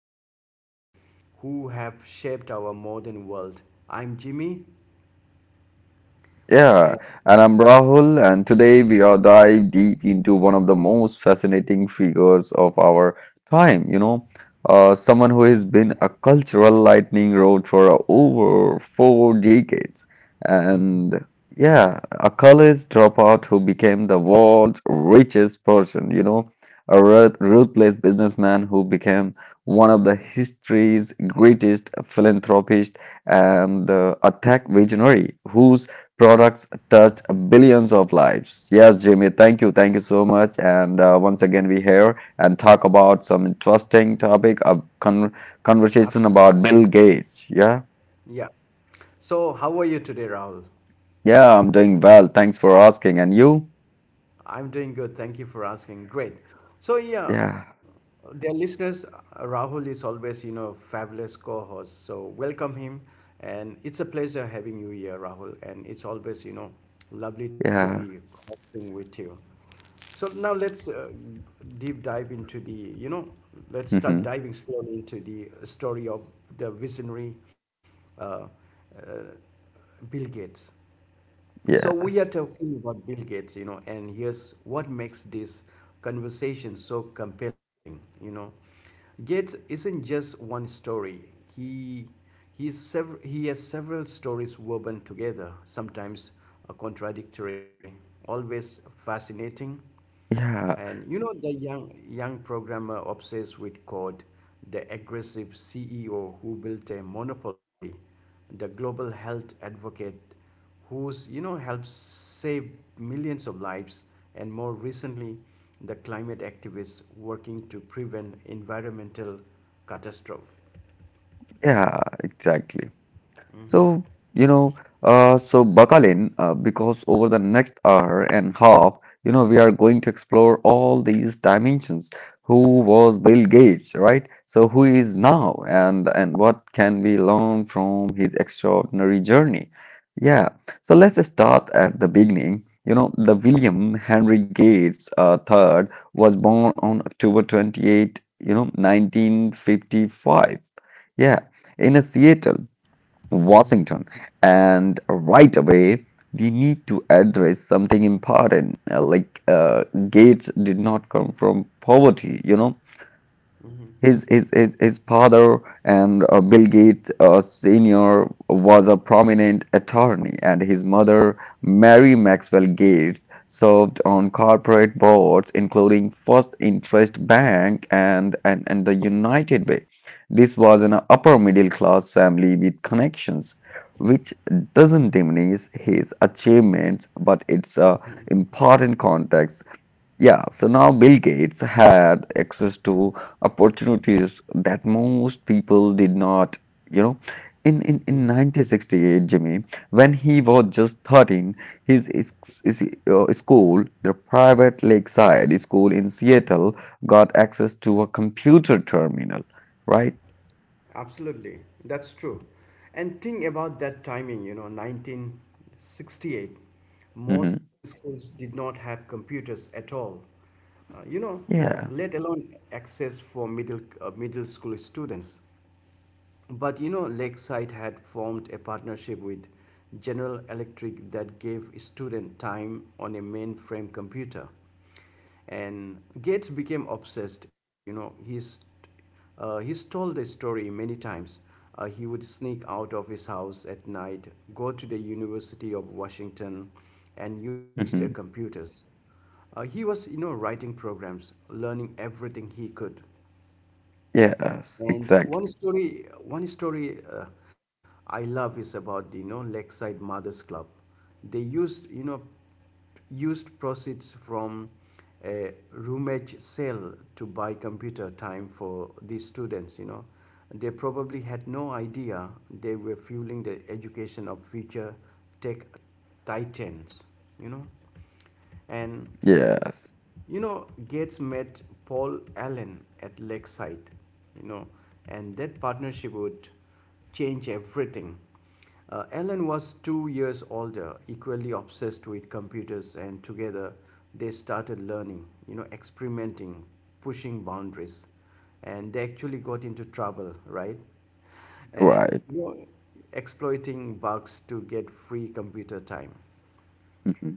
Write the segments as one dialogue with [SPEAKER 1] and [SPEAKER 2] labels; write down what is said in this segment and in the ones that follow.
[SPEAKER 1] impact of the people who have shaped our modern world. I'm Jimmy,
[SPEAKER 2] Yeah,
[SPEAKER 1] and
[SPEAKER 2] and I'm Rahul, and today we are dive deep into one of the most fascinating figures of our time, someone who has been a cultural lightning rod for over four decades. And yeah, a college dropout who became the world's richest person, you know, a ruthless businessman who became one of the history's greatest philanthropist and a tech visionary whose products touched billions of lives. Yes, Jimmy, thank you. Thank you so much. And once again, we here and talk about some interesting topic, a conversation about
[SPEAKER 1] absolutely,
[SPEAKER 2] Bill Gates. Yeah.
[SPEAKER 1] yeah. So, how are you today, Rahul?
[SPEAKER 2] Yeah, I'm doing well. Thanks for asking. And you?
[SPEAKER 1] I'm doing good. Thank you for asking. Great. So yeah,
[SPEAKER 2] Yeah.
[SPEAKER 1] dear listeners, Rahul is always, fabulous co-host. So welcome him, and it's a pleasure having you here, Rahul. And it's always, lovely to
[SPEAKER 2] Yeah.
[SPEAKER 1] be talking with you. So now let's deep dive into the, you know, let's start
[SPEAKER 2] hmm
[SPEAKER 1] diving slowly into the story of the visionary uh, uh, Bill Gates. So we are
[SPEAKER 2] Yes.
[SPEAKER 1] talking about Bill Gates, and here's what makes this conversation so compelling. Gates isn't just one story. He he has several stories woven together, sometimes contradictory, always fascinating.
[SPEAKER 2] Yeah.
[SPEAKER 1] And the young programmer obsessed with code, the aggressive CEO who built a monopoly, the global health advocate who's helped save millions of lives, and more recently, the climate activists working to prevent environmental catastrophe.
[SPEAKER 2] Yeah, exactly.
[SPEAKER 1] Hmm.
[SPEAKER 2] So, you know, so buckle in because over the next hour and half, you know, we are going to explore all these dimensions. Who was Bill Gates, right? So who he is now and what can we learn from his extraordinary journey? Yeah. So let's start at the beginning. You know, the William Henry Gates third was born on October 28th, you know, 1955. Yeah, in a Seattle.
[SPEAKER 1] Hmm.
[SPEAKER 2] Washington. And right away, we need to address something important. Gates did not come from poverty, you know,
[SPEAKER 1] Hmm.
[SPEAKER 2] his father and Bill Gates Sr. was a prominent attorney, and his mother, Mary Maxwell Gates, served on corporate boards, including First Interest Bank and the United Way. This was an upper middle class family with connections, which doesn't diminish his achievements, but it's a important context. Yeah, so now Bill Gates had access to opportunities that most people did not, you know. In 1968, Jimmy, when he was just 13, his, his, his school, the private lakeside school in Seattle, got access to a computer terminal, right?
[SPEAKER 1] Absolutely, that's true. And think about that timing, 1968.
[SPEAKER 2] hmm
[SPEAKER 1] Most schools did not have computers at all, uh, you know,
[SPEAKER 2] Yeah.
[SPEAKER 1] let alone access for middle school students. But Lakeside had formed a partnership with General Electric that gave students time on a mainframe computer. And Gates became obsessed. He's told the story many times. He would sneak out of his house at night, go to the University of Washington, and use their
[SPEAKER 2] hmm
[SPEAKER 1] computers. He was, writing programs, learning everything he could.
[SPEAKER 2] Yes,
[SPEAKER 1] And
[SPEAKER 2] exactly.
[SPEAKER 1] one story I love is about the Lakeside Mothers Club. They used used proceeds from a roomage sale to buy computer time for these students. You know, they probably had no idea they were fueling the education of future tech titans. You know, and
[SPEAKER 2] Yes,
[SPEAKER 1] Gates met Paul Allen at Lakeside, you know, and that partnership would change everything. Allen was 2 years older, equally obsessed with computers, and together they started learning, experimenting, pushing boundaries, and they actually got into trouble, right? And
[SPEAKER 2] right.
[SPEAKER 1] exploiting bugs to get free computer time.
[SPEAKER 2] Mm-hmm.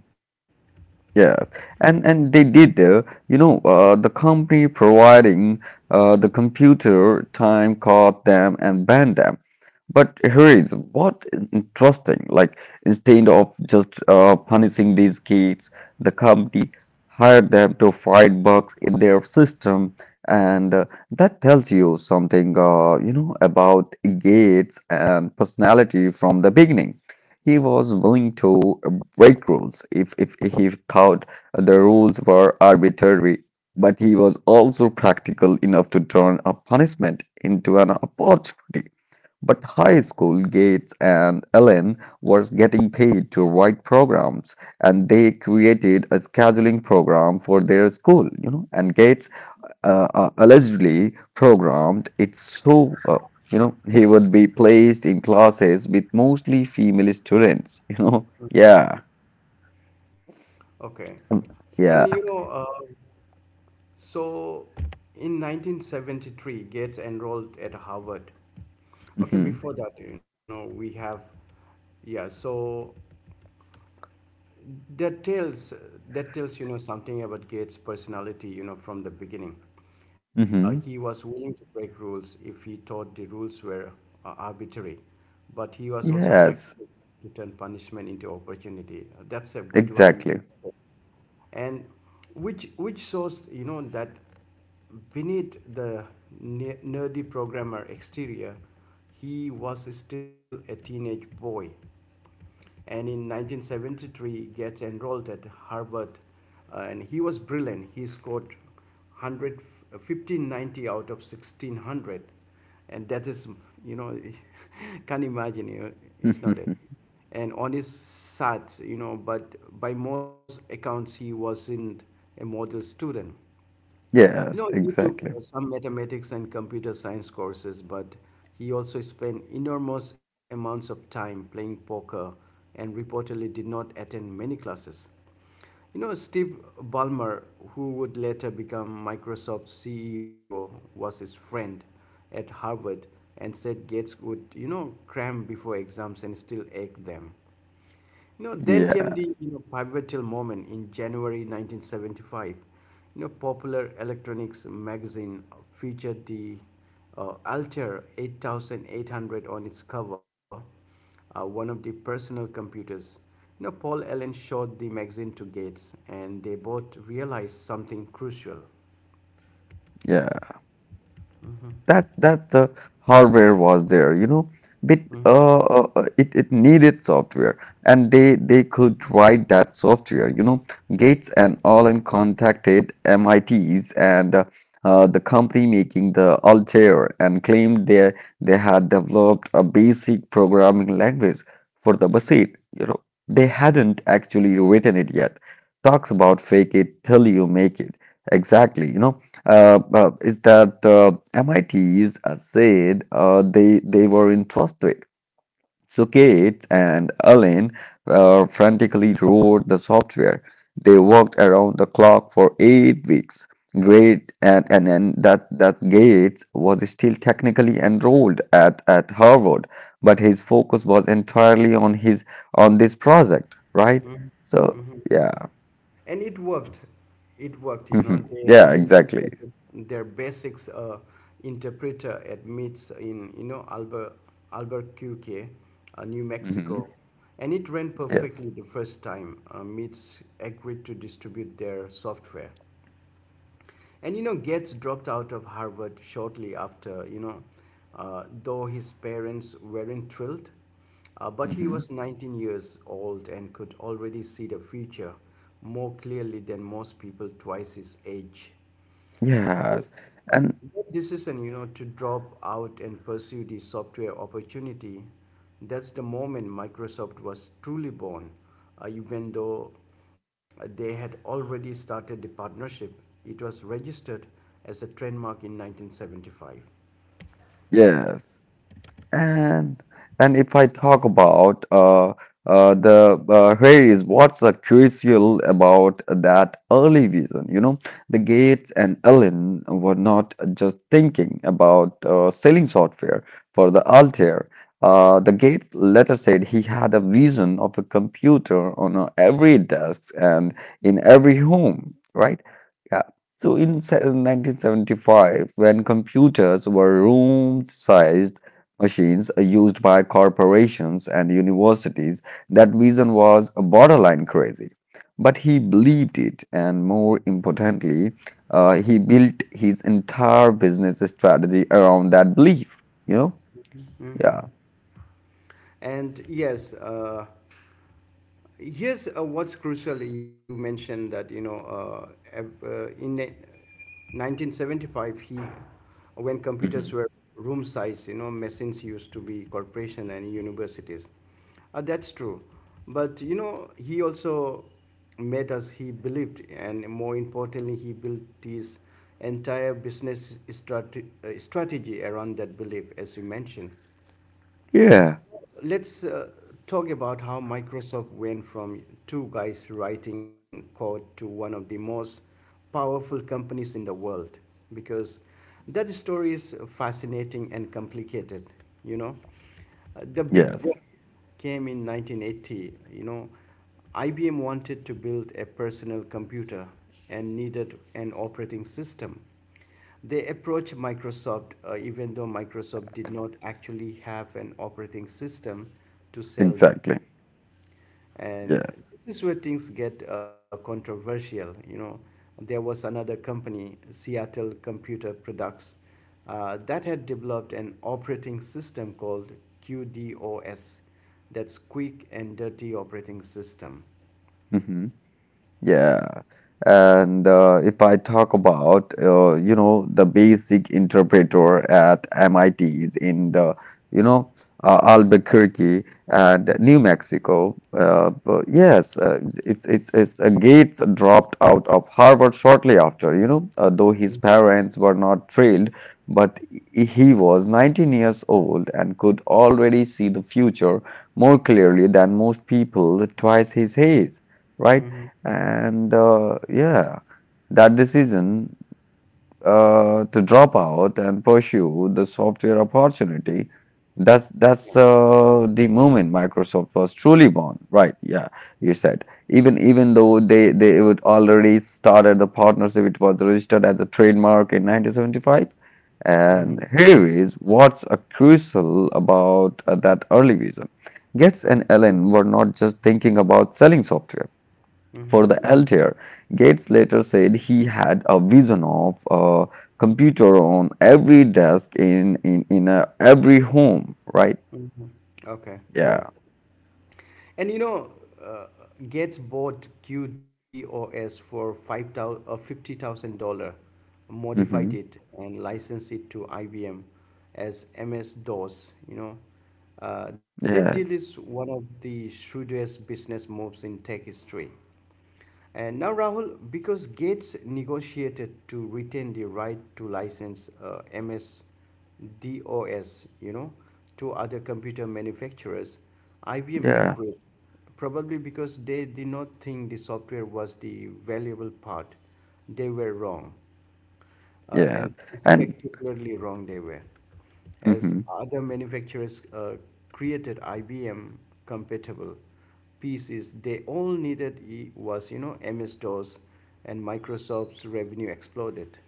[SPEAKER 2] Yes, and they did. The company providing the computer time caught them and banned them. But here is what is interesting. Instead of just punishing these kids, the company hired them to fight bugs in their system, and that tells you something. About Gates and personality from the beginning. He was willing to break rules if he thought the rules were arbitrary, but he was also practical enough to turn a punishment into an opportunity. But high school Gates and Ellen was getting paid to write programs, and they created a scheduling program for their school. You know, and Gates allegedly programmed it so you know he would be placed in classes with mostly female students. You know, yeah.
[SPEAKER 1] Okay.
[SPEAKER 2] Um,
[SPEAKER 1] And you
[SPEAKER 2] yeah.
[SPEAKER 1] know, uh, So, in 1973, Gates enrolled at Harvard. Okay,
[SPEAKER 2] hmm
[SPEAKER 1] before that, we have, yeah, so that tells that tells something about Gates' personality. From the beginning, he
[SPEAKER 2] hmm
[SPEAKER 1] was willing to break rules if he thought the rules were arbitrary, but he was also
[SPEAKER 2] Yes,
[SPEAKER 1] practical to turn punishment into opportunity. That's a good one. You
[SPEAKER 2] exactly.
[SPEAKER 1] said. And which shows that beneath the nerdy programmer exterior, he was still a teenage boy, and in 1973 gets enrolled at Harvard. And he was brilliant. He scored one hundred fifteen ninety out of 1600, and that is, you know, can't imagine. You know, it's not it. And on his SATs, but by most accounts he wasn't a model student.
[SPEAKER 2] Yes,
[SPEAKER 1] He took
[SPEAKER 2] exactly.
[SPEAKER 1] some mathematics and computer science courses, but he also spent enormous amounts of time playing poker and reportedly did not attend many classes. Steve Ballmer, who would later become Microsoft's CEO, was his friend at Harvard and said Gates would, cram before exams and still ache them.
[SPEAKER 2] Yeah,
[SPEAKER 1] Then came the pivotal moment in January 1975. Popular electronics magazine featured the Altair 8800 on its cover, one of the personal computers. Paul Allen showed the magazine to Gates, and they both realized something crucial.
[SPEAKER 2] yeah.
[SPEAKER 1] Mhm.
[SPEAKER 2] That's the hardware was there, you know, but
[SPEAKER 1] Mhm.
[SPEAKER 2] it it needed software, and they could write that software, you know. Gates and Allen contacted MITs and the company making the Altair and claimed they had developed a basic programming language for the machine. You know, they hadn't actually written it yet. Talks about fake it till you make it. Exactly, you know is that MITs said they were interested. So Kate and Alan frantically wrote the software. They worked around the clock for 8 weeks. Great, and that's Gates was still technically enrolled at Harvard, but his focus was entirely on his on this project, right? So yeah,
[SPEAKER 1] And it worked. They
[SPEAKER 2] yeah, exactly.
[SPEAKER 1] demonstrated their basics interpreter at meets in Albuquerque, New
[SPEAKER 2] hmm
[SPEAKER 1] Mexico, and it ran
[SPEAKER 2] Yes.
[SPEAKER 1] perfectly the first time. Meets agreed to distribute their software, and Gates dropped out of Harvard shortly after. Though his parents weren't thrilled, but he
[SPEAKER 2] hmm
[SPEAKER 1] was 19 years old and could already see the future more clearly than most people twice his age.
[SPEAKER 2] yeah.
[SPEAKER 1] But
[SPEAKER 2] And
[SPEAKER 1] that decision, to drop out and pursue the software opportunity, that's the moment Microsoft was truly born. Even though they had already started the partnership, it was registered as a trademark in 1975.
[SPEAKER 2] yes, And and if I talk about the here is what's crucial about that early vision. You know, the Gates and Allen were not just thinking about selling software for the Altair. The Gates later said he had a vision of a computer on every desk and in every home, right? Yeah. So in 1975, when computers were room-sized machines used by corporations and universities, that vision was borderline crazy. But he believed it, and more importantly, he built his entire business strategy around that belief. You know? Yeah.
[SPEAKER 1] Mhm. And yes, here's what's crucial. You mentioned that in 1975, he when computers
[SPEAKER 2] Mhm.
[SPEAKER 1] were room size, machines used to be corporation and universities. That's true, but he also made us. He believed, and more importantly, he built his entire business strategy around that belief, as you mentioned.
[SPEAKER 2] Yeah.
[SPEAKER 1] Let's talk about how Microsoft went from two guys writing code to one of the most powerful companies in the world, because that story is fascinating and complicated. you know the big
[SPEAKER 2] Yes.
[SPEAKER 1] break came in 1980. IBM wanted to build a personal computer and needed an operating system. They approached Microsoft, even though Microsoft did not actually have an operating system to sell them.
[SPEAKER 2] Exactly.
[SPEAKER 1] And
[SPEAKER 2] Yes.
[SPEAKER 1] this is where things get controversial. You know, there was another company, Seattle Computer Products, that had developed an operating system called QDOS, that's Quick and Dirty Operating System.
[SPEAKER 2] Mhm. Yeah. And if I talk about, you know, the basic interpreter at MIT is in the, you know, Albuquerque and New Mexico. But yes, it's Gates dropped out of Harvard shortly after, you know, though his
[SPEAKER 1] Mhm.
[SPEAKER 2] parents were not thrilled, but he was 19 years old and could already see the future more clearly than most people twice his age, right?
[SPEAKER 1] Mhm.
[SPEAKER 2] And uh, yeah, that decision to drop out and pursue the software opportunity, that's that's
[SPEAKER 1] Yeah.
[SPEAKER 2] uh, the moment Microsoft was truly born, right? Yeah, you
[SPEAKER 1] Yeah.
[SPEAKER 2] said. Even though they would already started the partnership, it was registered as a trademark in 1975. And
[SPEAKER 1] Mhm.
[SPEAKER 2] here is what's crucial about that early vision. Gates
[SPEAKER 1] Mhm.
[SPEAKER 2] and Allen were not just thinking about selling software
[SPEAKER 1] Mhm.
[SPEAKER 2] for the Altair. Gates later said he had a vision of a computer on every desk in a every home, right?
[SPEAKER 1] Mhm. Okay. Yeah.
[SPEAKER 2] Yeah.
[SPEAKER 1] And you know, uh, Gates bought QDOS for five thousand $50,000, modified
[SPEAKER 2] hmm
[SPEAKER 1] it and licensed it to IBM as MS DOS. That deal
[SPEAKER 2] Yes.
[SPEAKER 1] is one of the shrewdest business moves in tech history. And now, Rahul, because Gates negotiated to retain the right to license MS-DOS, you know, to other computer manufacturers, IBM
[SPEAKER 2] Yeah.
[SPEAKER 1] agreed, probably because they did not think the software was the valuable part. They were wrong,
[SPEAKER 2] Yes.
[SPEAKER 1] and
[SPEAKER 2] And.
[SPEAKER 1] spectacularly wrong they were. As
[SPEAKER 2] Mhm.
[SPEAKER 1] other manufacturers created IBM compatible pieces, they all needed I- was you know MS DOS, and Microsoft's revenue exploded.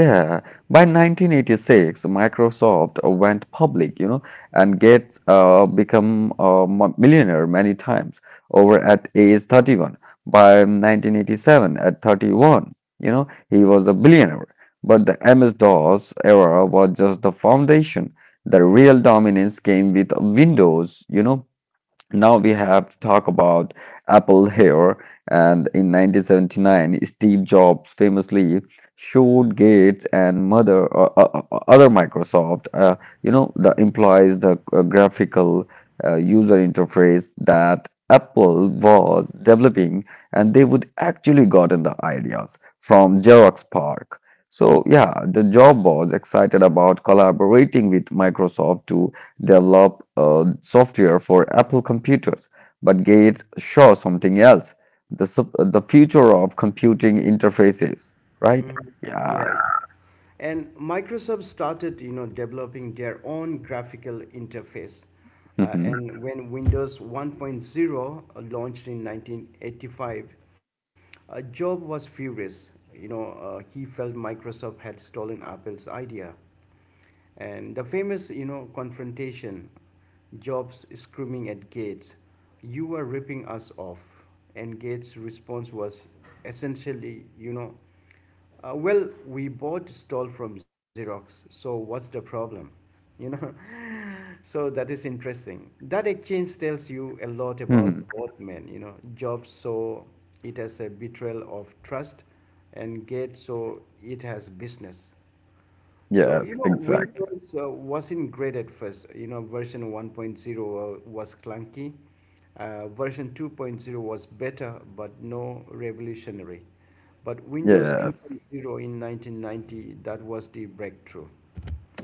[SPEAKER 2] Yeah, by 1986, Microsoft went public, you know, and gets become a millionaire many times over at age 31. By 1987, at 31, you know, he was a billionaire. But the MS-DOS era was just the foundation. The real dominance came with Windows, you know, now we have to talk about Apple here. And in 1979, Steve Jobs famously showed Gates and mother other Microsoft, you know, the implies the graphical user interface that Apple was developing, and they would actually gotten the ideas from Xerox Park. So yeah, the job was excited about collaborating with Microsoft to develop software for Apple computers, but Gates saw something else the, sup- the future of computing interfaces, right?
[SPEAKER 1] Mhm.
[SPEAKER 2] Yeah.
[SPEAKER 1] You're right. And Microsoft started, developing their own graphical interface.
[SPEAKER 2] hmm
[SPEAKER 1] And when Windows one point zero launched in 1985, Job was furious. He felt Microsoft had stolen Apple's idea. And the famous, confrontation, Jobs screaming at Gates, "You are ripping us off." And Gates' response was essentially, well, we bought stall from Xerox, so what's the problem? You know, so that is interesting. That exchange tells you a lot about
[SPEAKER 2] hmm
[SPEAKER 1] both men. You know, Jobs saw it as a betrayal of trust, and Gates saw it as business. So,
[SPEAKER 2] Yes, exactly.
[SPEAKER 1] Windows wasn't great at first. You know, version one point zero was clunky. Version two point zero was better, but no revolutionary. But Windows three point
[SPEAKER 2] Yes.
[SPEAKER 1] zero in 1990, that was the breakthrough.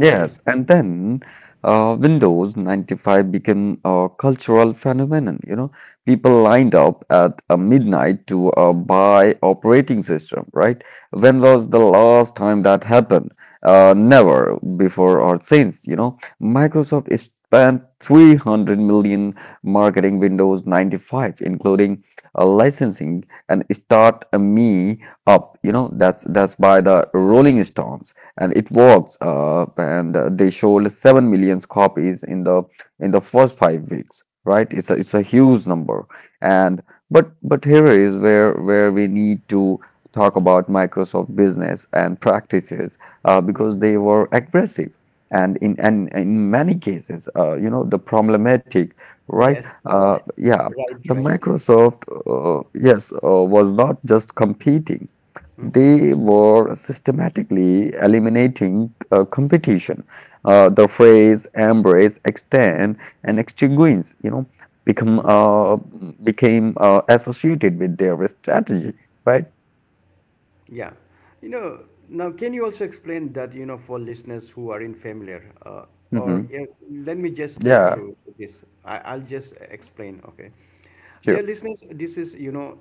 [SPEAKER 1] What do you say?
[SPEAKER 2] and then Windows 95 became a cultural phenomenon. You know, people lined up at midnight to buy operating system, right? When was the last time that happened? Never before or since. You know, Microsoft is spent 300 million marketing Windows 95, including licensing and start me up. You know, that's by the Rolling Stones and it works and they sold 7 million copies in the first 5 weeks, right? It's a, it's a huge number. And but but here is where we need to talk about Microsoft business and practices because
[SPEAKER 1] Mhm.
[SPEAKER 2] they were aggressive and in many cases the problematic, right?
[SPEAKER 1] Yes,
[SPEAKER 2] uh, yeah
[SPEAKER 1] right,
[SPEAKER 2] the
[SPEAKER 1] right.
[SPEAKER 2] Microsoft, yes was not just competing,
[SPEAKER 1] Mm-hmm. Mm-hmm.
[SPEAKER 2] they were systematically eliminating competition. The phrase embrace, extend, and extinguish, you know, become became associated with their strategy, right?
[SPEAKER 1] Yeah. Now can you also explain that, for listeners who are unfamiliar,
[SPEAKER 2] Mm-hmm.
[SPEAKER 1] or yeah, let me just take
[SPEAKER 2] Yeah,
[SPEAKER 1] through this. I'll just explain, okay.
[SPEAKER 2] sure.
[SPEAKER 1] Dear listeners, this is, you know,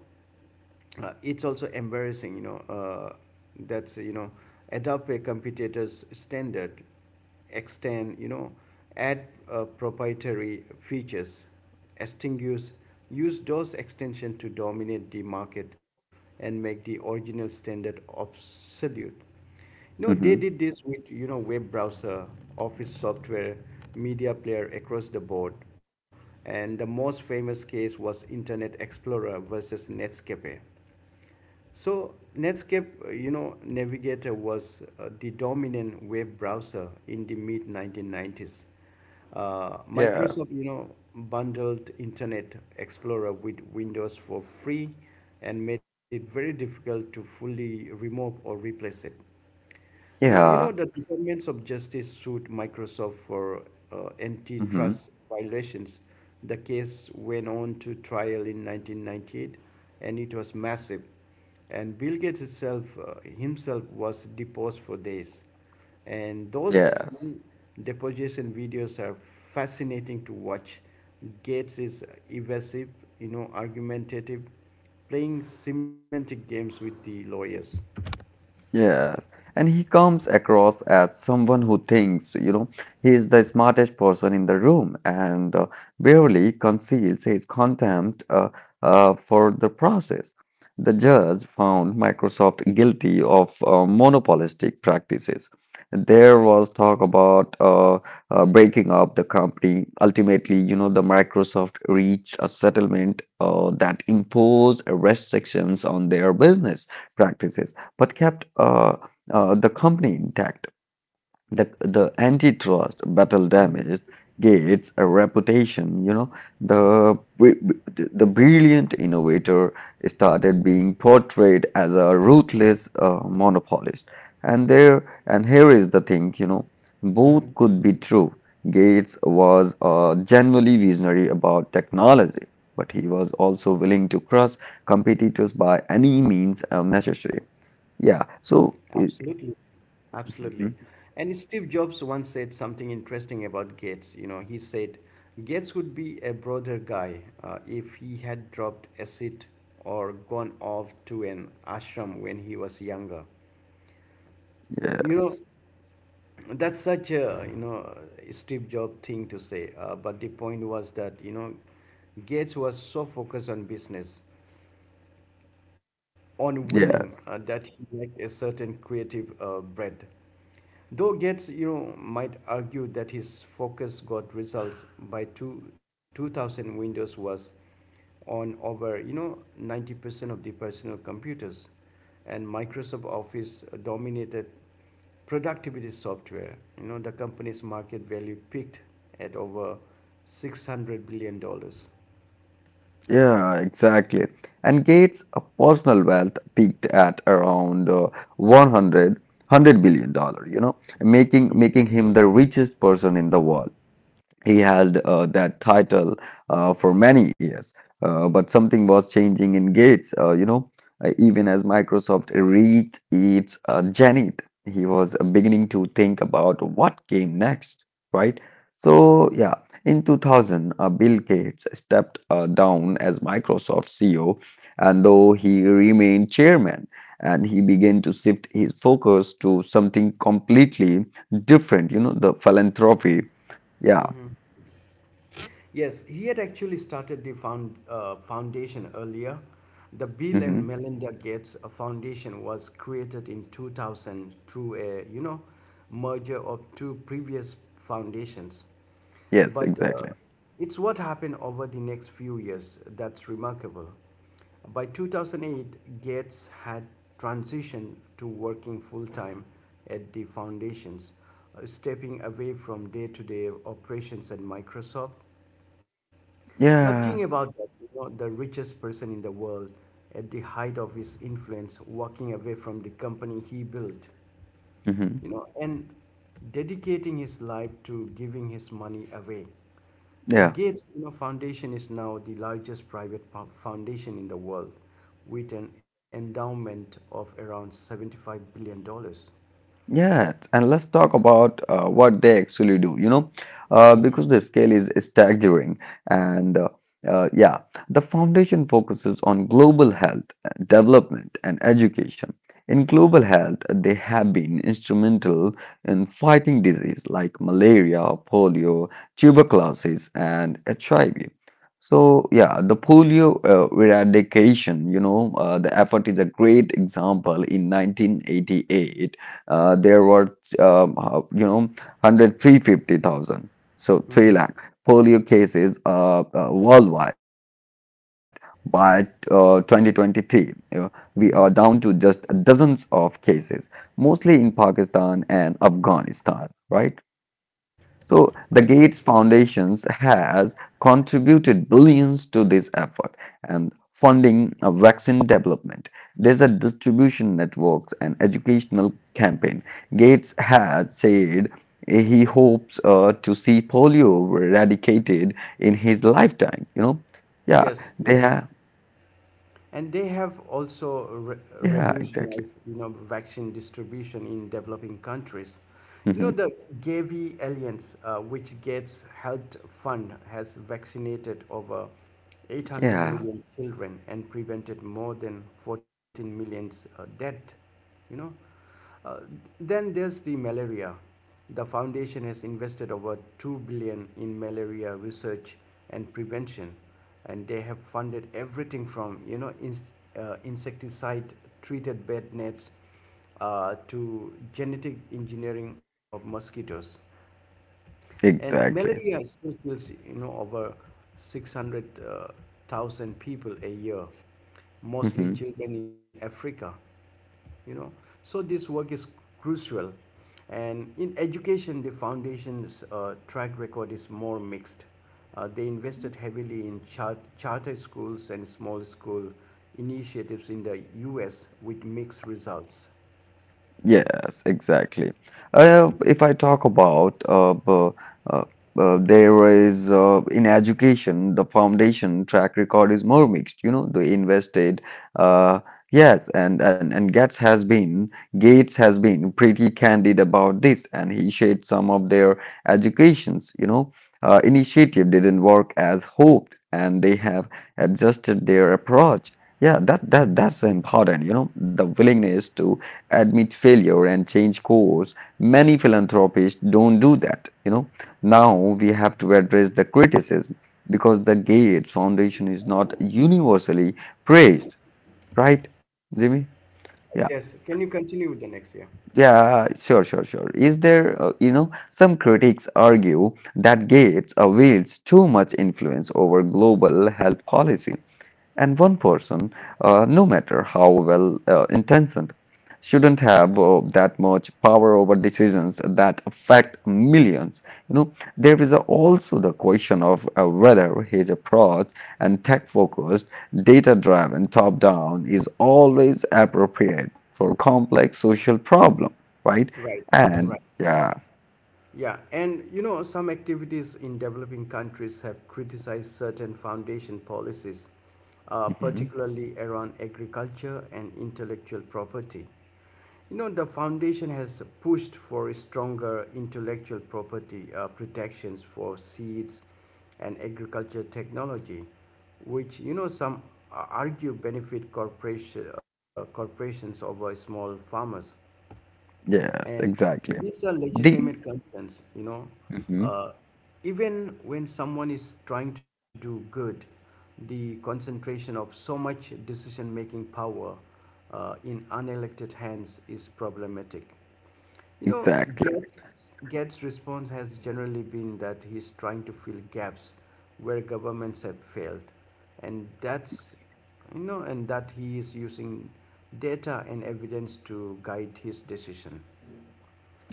[SPEAKER 1] uh, it's also embarrassing, that's, adopt a computer's standard, extend, add proprietary features, extinguish, use those extensions to dominate the market and make the original standard obsolete.
[SPEAKER 2] Mm-hmm.
[SPEAKER 1] They did this with web browser, office software, media player across the board, and the most famous case was Internet Explorer versus Netscape. So Netscape, Navigator was the dominant web browser in the mid 1990s.
[SPEAKER 2] Yeah,
[SPEAKER 1] Microsoft, bundled Internet Explorer with Windows for free and made it very difficult to fully remove or replace it. Now,
[SPEAKER 2] yeah.
[SPEAKER 1] the Departments of Justice sued Microsoft for
[SPEAKER 2] Mm-hmm.
[SPEAKER 1] antitrust violations. The case went on to trial in 1998, and it was massive. And Bill Gates himself was deposed for days. And those
[SPEAKER 2] Yes.
[SPEAKER 1] deposition videos are fascinating to watch. Gates is evasive, argumentative, playing semantic games with the lawyers.
[SPEAKER 2] Yes, and he comes across as someone who thinks, you know, he is the smartest person in the room and barely conceals his contempt for the process. The judge found Microsoft guilty of monopolistic practices. There was talk about breaking up the company. Ultimately, you know, the Microsoft reached a settlement that imposed restrictions on their business practices but kept the company intact. The antitrust battle
[SPEAKER 1] Mhm.
[SPEAKER 2] damaged Gates' reputation. You know, the, the brilliant innovator started being portrayed as a ruthless monopolist. And here is the thing, you know, both
[SPEAKER 1] Mhm.
[SPEAKER 2] could be true. Gates was genuinely visionary about technology, but he was also willing to crush competitors by any means necessary. Yeah. So,
[SPEAKER 1] Absolutely. Absolutely.
[SPEAKER 2] mhm.
[SPEAKER 1] And Steve Jobs once said something interesting about Gates. You know, he said, "Gates would be a broader guy if he had dropped acid or gone off to an ashram when he was younger." You know,
[SPEAKER 2] Yes,
[SPEAKER 1] that's such a, Steve Jobs thing to say. But the point was that, Gates was so focused on business, on winning,
[SPEAKER 2] yes,
[SPEAKER 1] that he lacked a certain creative bread. Though Gates, might argue that his focus got results by 2000. Windows was on over, 90% of the personal computers, and Microsoft Office dominated productivity software. You know, the company's market value peaked at over $600 billion.
[SPEAKER 2] yeah, exactly. And Gates' personal wealth peaked at around 100 billion dollars, you know, making him the richest person in the world. He held that title for many years, but something was changing in Gates. Even as Microsoft reached its zenith, he was beginning to think about what came next, right? So, yeah, in 2000, Bill Gates stepped down as Microsoft CEO, and though he remained chairman, and he began to shift his focus to something completely different, you know, the philanthropy. Yeah.
[SPEAKER 1] Yes, he had actually started the foundation earlier. The Bill and
[SPEAKER 2] Mm-hmm.
[SPEAKER 1] Melinda Gates Foundation was created in 2000 through a, you know, merger of two previous foundations.
[SPEAKER 2] Yes,
[SPEAKER 1] But
[SPEAKER 2] exactly.
[SPEAKER 1] It's what happened over the next few years that's remarkable. By 2008, Gates had transitioned to working full time at the foundations, stepping away from day to day operations at Microsoft. Now think
[SPEAKER 2] Yeah.
[SPEAKER 1] about that, you know, the richest person in the world at the height of his influence walking away from the company he built.
[SPEAKER 2] Mm-hmm.
[SPEAKER 1] You know, and dedicating his life to giving his money away. The
[SPEAKER 2] Yeah.
[SPEAKER 1] Gates, you know, Foundation is now the largest private foundation in the world with an endowment of around 75 dollars.
[SPEAKER 2] Yes, and let's talk about what they actually do, you know, because the scale is staggering. And uh, uh, yeah, the foundation focuses on global health, development, and education. In global health, they have been instrumental in fighting disease like malaria, polio, tuberculosis, and HIV. So, the polio eradication, the effort is a great example. In 1988, there were 100 so 3 lakh polio cases worldwide. By 2023, we are down to
[SPEAKER 1] Mhm.
[SPEAKER 2] just dozens of cases, mostly in Pakistan and Afghanistan. Right. So the
[SPEAKER 1] Yes,
[SPEAKER 2] Gates Foundations has contributed billions to this effort and funding of vaccine development, desert distribution networks, and educational campaign. Gates has said he hopes to see polio eradicated in his lifetime. Yeah,
[SPEAKER 1] yes,
[SPEAKER 2] they
[SPEAKER 1] yes.
[SPEAKER 2] have.
[SPEAKER 1] And they have also
[SPEAKER 2] Yeah, exactly.
[SPEAKER 1] revolutionized, you know, vaccine distribution in developing countries. You know,
[SPEAKER 2] Hmm.
[SPEAKER 1] the Gavi Alliance, which gets health fund, has vaccinated over 800
[SPEAKER 2] Yeah,
[SPEAKER 1] million children and prevented more than 14 million death. You know, uh, then there's the malaria. The foundation has invested over 2 dollars in malaria research and prevention and they have funded everything from you know insecticide treated bed nets to genetic engineering of mosquitoes. And
[SPEAKER 2] exactly.
[SPEAKER 1] malaria still kills, you know, over 600,000 people a year, mostly
[SPEAKER 2] Mm-hmm.
[SPEAKER 1] children in Africa, you know. So this work is crucial. And in education, the foundation's track record is more mixed. They invested heavily in charter schools and small school initiatives in the US with mixed results.
[SPEAKER 2] Yes, exactly. If I talk about uh, there is in education, the foundation track record is more mixed. You know, they invested. Uh, yes, and Gates has been pretty candid about this, and he shared some of their educations. Initiative didn't work as hoped, and they have adjusted their approach. Yeah, that's important. You know, the willingness to admit failure and change course, many philanthropists don't do that. You know, now we have to address the criticism, because the Gates Foundation is not universally praised. Right, Jimmy?
[SPEAKER 1] Yes,
[SPEAKER 2] yeah
[SPEAKER 1] can you continue with the next year?
[SPEAKER 2] yeah sure sure sure Is there You know, some critics argue that Gates wields too much influence over global health policy, and one person, no matter how well intentioned, shouldn't have that much power over decisions that affect millions. You know, there is also the question of whether his approach, and tech-focused, data-driven, top-down, is always appropriate for complex social problem, right?
[SPEAKER 1] Right,
[SPEAKER 2] And
[SPEAKER 1] right.
[SPEAKER 2] yeah.
[SPEAKER 1] Yeah, and you know, some activities in developing countries have criticized certain foundation policies,
[SPEAKER 2] Mhm.
[SPEAKER 1] particularly around agriculture and intellectual property. You know, the foundation has pushed for stronger intellectual property protections for seeds and agriculture technology, which, you know, some argue benefit corporations over small farmers.
[SPEAKER 2] Yes,
[SPEAKER 1] And
[SPEAKER 2] exactly.
[SPEAKER 1] these are
[SPEAKER 2] The
[SPEAKER 1] legitimate concerns, you know.
[SPEAKER 2] mhm.
[SPEAKER 1] Uh, even when someone is trying to do good, the concentration of so much decision making power in unelected hands is problematic. You know,
[SPEAKER 2] Exactly.
[SPEAKER 1] Gates, Gates' response has generally been that he's trying to fill gaps where governments have failed, and that's and that he is using data and evidence to guide his decision.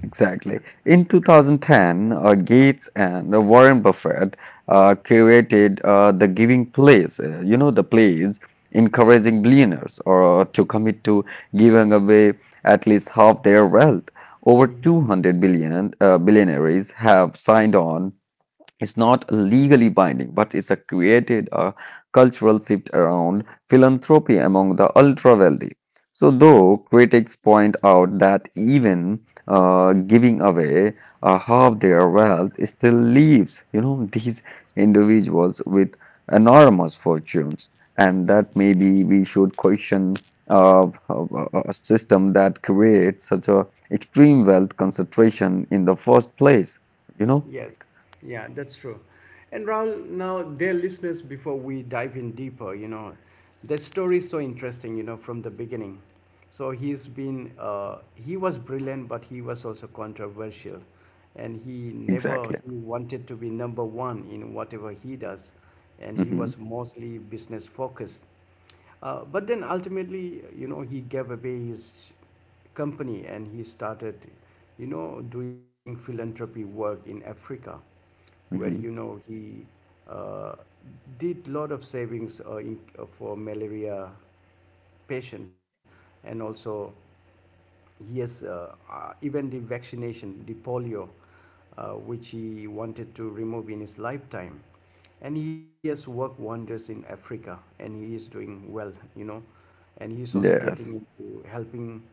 [SPEAKER 2] Exactly. In 2010, Gates and Warren Buffett curated the Giving Place, the place encouraging billionaires or to commit to giving away at least half their wealth. Over 200 billion billionaires have signed on. It's not legally binding, but it's a created a cultural shift around philanthropy among the ultra wealthy. So, though critics point out that even giving away half their wealth still leaves, you know, these individuals with enormous fortunes, and that maybe we should question a system that creates such a extreme wealth concentration in the first place. You know,
[SPEAKER 1] Yes, yeah, that's true. And Raul, now, dear listeners, before we dive in deeper, you know, the story is so interesting, you know, from the beginning. He was brilliant, but he was also controversial. And he never,
[SPEAKER 2] exactly.
[SPEAKER 1] He wanted to be number one in whatever he does. And he was
[SPEAKER 2] Mm-hmm.
[SPEAKER 1] mostly business focused. But then ultimately, you know, he gave away his company and he started, you know, doing philanthropy work in Africa, where you
[SPEAKER 2] Mm-hmm.
[SPEAKER 1] know he uh, did lot of savings for malaria patient and also yes, even the vaccination, the polio, which he wanted to remove in his lifetime. And he has worked wonders in Africa and he is doing well, you know. And he is also
[SPEAKER 2] Yes,
[SPEAKER 1] getting into helping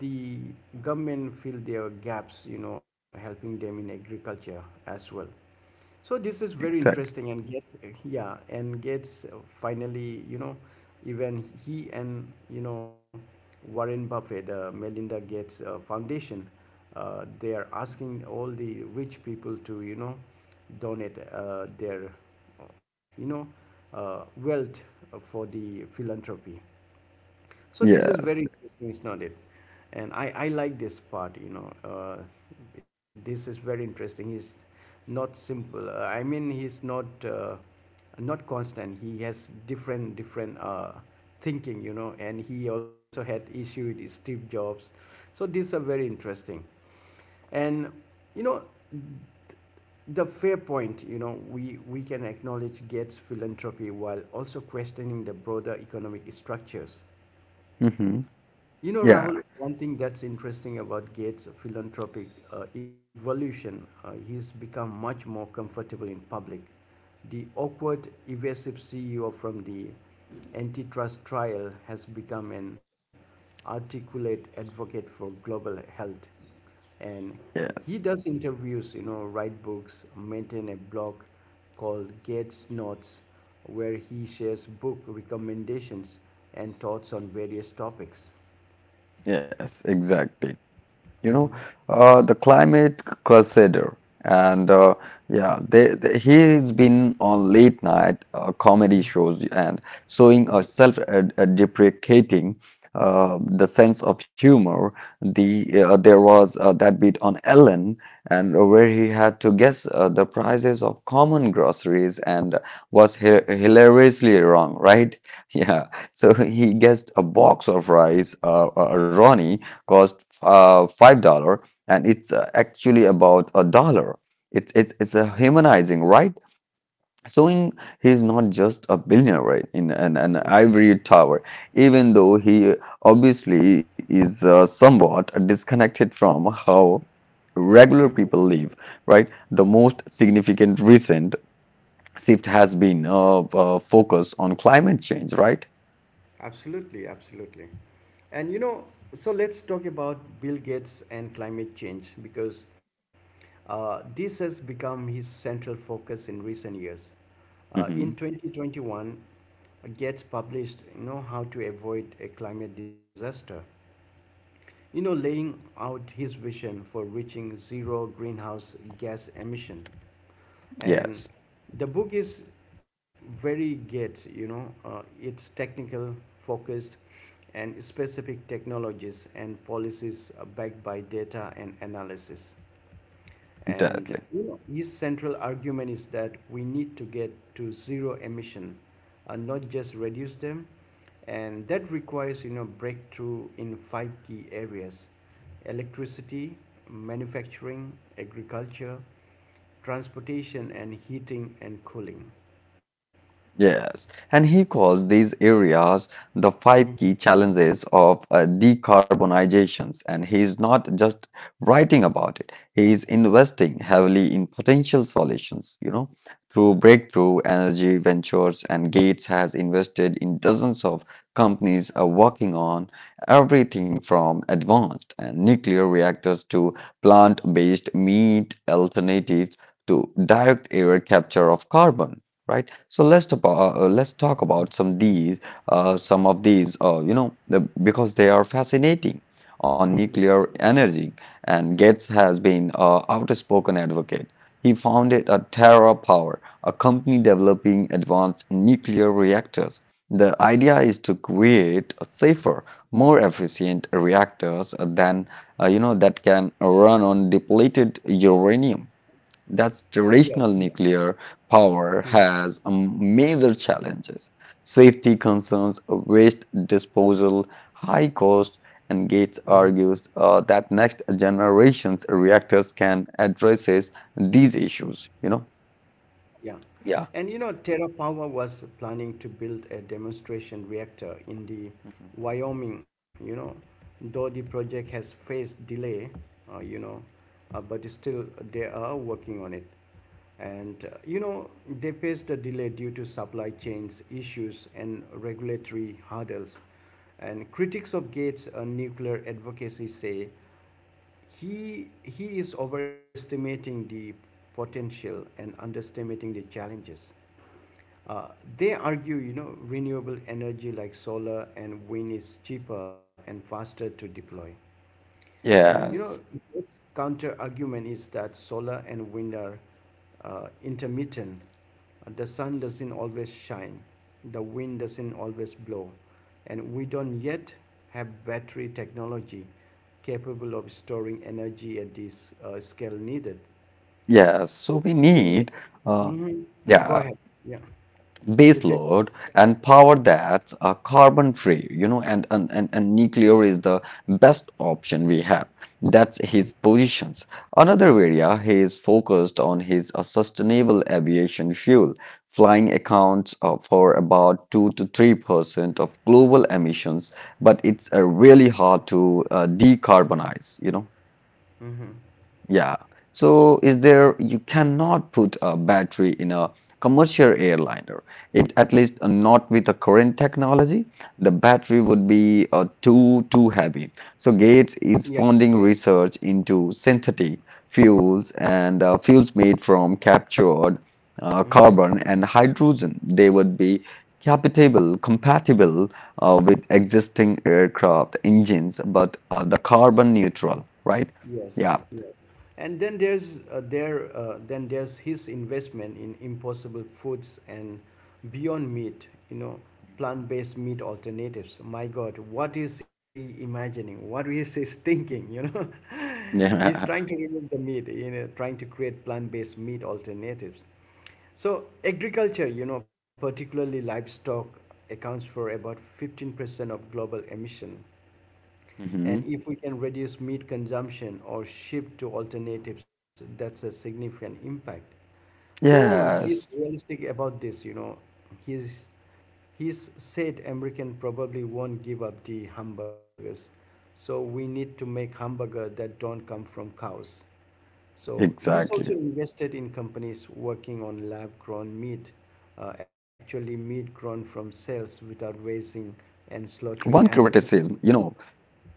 [SPEAKER 1] the government fill their gaps, you know, helping them in agriculture as well. So this is very interesting
[SPEAKER 2] exactly.
[SPEAKER 1] and get yeah and gets finally you know even he and you know Warren Buffett Melinda Gates Foundation, they are asking all the rich people to you know donate their uh, you know wealth for the philanthropy. So this is
[SPEAKER 2] Yes.
[SPEAKER 1] very interesting, isn't it? And I like this part, you know. This is very interesting. He's not simple. I mean, he's not not constant. He has different thinking, you know. And he also had issue with Steve Jobs. So these are very interesting. And you know, the fair point, you know, we can acknowledge Gates' philanthropy while also questioning the broader economic structures.
[SPEAKER 2] Mm-hmm.
[SPEAKER 1] You know,
[SPEAKER 2] Yeah.
[SPEAKER 1] Rahul, one thing that's interesting about Gates' philanthropic evolution, he's become much more comfortable in public. The awkward, evasive CEO from the antitrust trial has become an articulate advocate for global health. And he
[SPEAKER 2] Yes.
[SPEAKER 1] does interviews, you know, write books, maintain a blog called Gates Notes, where he shares book recommendations and thoughts on various topics.
[SPEAKER 2] Yes. Exactly. You know,
[SPEAKER 1] Mhm.
[SPEAKER 2] the climate crusader, and yeah, he has been on late night comedy shows and showing a
[SPEAKER 1] Mhm,
[SPEAKER 2] self-deprecating, deprecating the sense of humor. There was that bit on Ellen, and where he had to guess the prices of common groceries and was hi hilariously wrong, right? Yeah, so he guessed a box of rice, Ronnie, cost $5, and it's actually about a dollar. It's it's a humanizing, right? Showing he's not just a billionaire, right, in an ivory tower, even though he obviously is somewhat disconnected from how regular
[SPEAKER 1] mhm.
[SPEAKER 2] people live, right? The most significant recent shift has been focus on climate change, right?
[SPEAKER 1] Absolutely, absolutely. And you know, so let's talk about Bill Gates and climate change because this has become his central focus in recent years.
[SPEAKER 2] Hmm.
[SPEAKER 1] In 2021, Gates published, you know, how to avoid a climate disaster. You know, laying out his vision for reaching zero greenhouse gas emission. And
[SPEAKER 2] Yes,
[SPEAKER 1] the book is very Gates, you know, it's technical, focused, and specific technologies and policies backed by data and analysis. And
[SPEAKER 2] definitely.
[SPEAKER 1] you his central argument is that we need to get to zero emission, and not just reduce them. And that requires you know breakthrough in five key areas: electricity, manufacturing, agriculture, transportation, and heating and cooling.
[SPEAKER 2] Yes, and he calls these areas the five
[SPEAKER 1] Mhm.
[SPEAKER 2] key challenges of decarbonizations. And he is not just writing about it, he is investing heavily in potential solutions, you know, through breakthrough energy ventures. And Gates has invested in dozens of companies working on everything from advanced and nuclear reactors to plant-based meat alternatives to direct air capture of carbon. Right. So let's talk about some of these, because they are fascinating. On
[SPEAKER 1] Mhm.
[SPEAKER 2] nuclear energy, and Gates has been an outspoken advocate. He founded a Terra Power, a company developing advanced nuclear reactors. The idea is to create a safer, more efficient reactors than that can run on depleted uranium. That's
[SPEAKER 1] Yes.
[SPEAKER 2] traditional nuclear
[SPEAKER 1] Mhm.
[SPEAKER 2] power has major challenges. Safety concerns, waste disposal, high cost, and Gates
[SPEAKER 1] Mhm.
[SPEAKER 2] argues that next generation's reactors can addresses these issues, you know?
[SPEAKER 1] Yeah. And you
[SPEAKER 2] Yeah.
[SPEAKER 1] know, TerraPower was planning to build a demonstration reactor in the
[SPEAKER 2] Mhm.
[SPEAKER 1] Wyoming, you know, though the project has faced delay, uh, you know, but still they are working on it. And, you know, they faced a delay due to supply chains issues and regulatory hurdles. And critics of Gates' nuclear advocacy say he is overestimating the potential and underestimating the challenges. Uh, they argue, you know, renewable energy like solar and wind is cheaper and faster to deploy. And you know,
[SPEAKER 2] Yes.
[SPEAKER 1] its counter argument is that solar and wind are intermittent. The sun doesn't always shine, the wind doesn't always blow, and we don't yet have battery technology capable of storing energy at this scale needed.
[SPEAKER 2] Yes. So we
[SPEAKER 1] We need.
[SPEAKER 2] need uh
[SPEAKER 1] Mhm. Go
[SPEAKER 2] yeah,
[SPEAKER 1] ahead. Yeah, you
[SPEAKER 2] base
[SPEAKER 1] take over.
[SPEAKER 2] load and power that's carbon free, you know, and nuclear is the best option we have. That's
[SPEAKER 1] Mm-hmm.
[SPEAKER 2] his positions. Another area he is focused on his sustainable aviation fuel. Flying accounts for about 2 to 3% of global emissions, but it's really hard to decarbonize, you know.
[SPEAKER 1] Mm-hmm.
[SPEAKER 2] Yeah. So is there, you cannot put a battery in a commercial airliner. It at least not with the current technology. The battery would be too heavy. So Gates
[SPEAKER 1] Yeah.
[SPEAKER 2] is funding research into synthetic fuels and fuels made from captured
[SPEAKER 1] Mm-hmm.
[SPEAKER 2] carbon and hydrogen. They would be compatible with existing aircraft engines, but the carbon neutral, right?
[SPEAKER 1] Yes.
[SPEAKER 2] Yeah.
[SPEAKER 1] Yes. And then there's there Then there's his investment in Impossible Foods and Beyond Meat. You know, plant-based meat alternatives. My God, what is he imagining? What is he thinking? You know, he's trying to remove the meat. You know, trying to create plant-based meat alternatives. So agriculture, you know, particularly livestock, accounts for about 15% of global emission.
[SPEAKER 2] Hmm.
[SPEAKER 1] And if we can reduce meat consumption or shift to alternatives, that's a significant impact. Though he is
[SPEAKER 2] Yes,
[SPEAKER 1] realistic about this, you know, he's he's said American probably won't give up the hamburgers. So we need to make hamburger that don't come from cows. So he's
[SPEAKER 2] exactly.
[SPEAKER 1] also invested in companies working on lab grown meat, actually meat grown from cells without
[SPEAKER 2] One
[SPEAKER 1] raising
[SPEAKER 2] criticism, you
[SPEAKER 1] and
[SPEAKER 2] know,
[SPEAKER 1] slaughtering animals.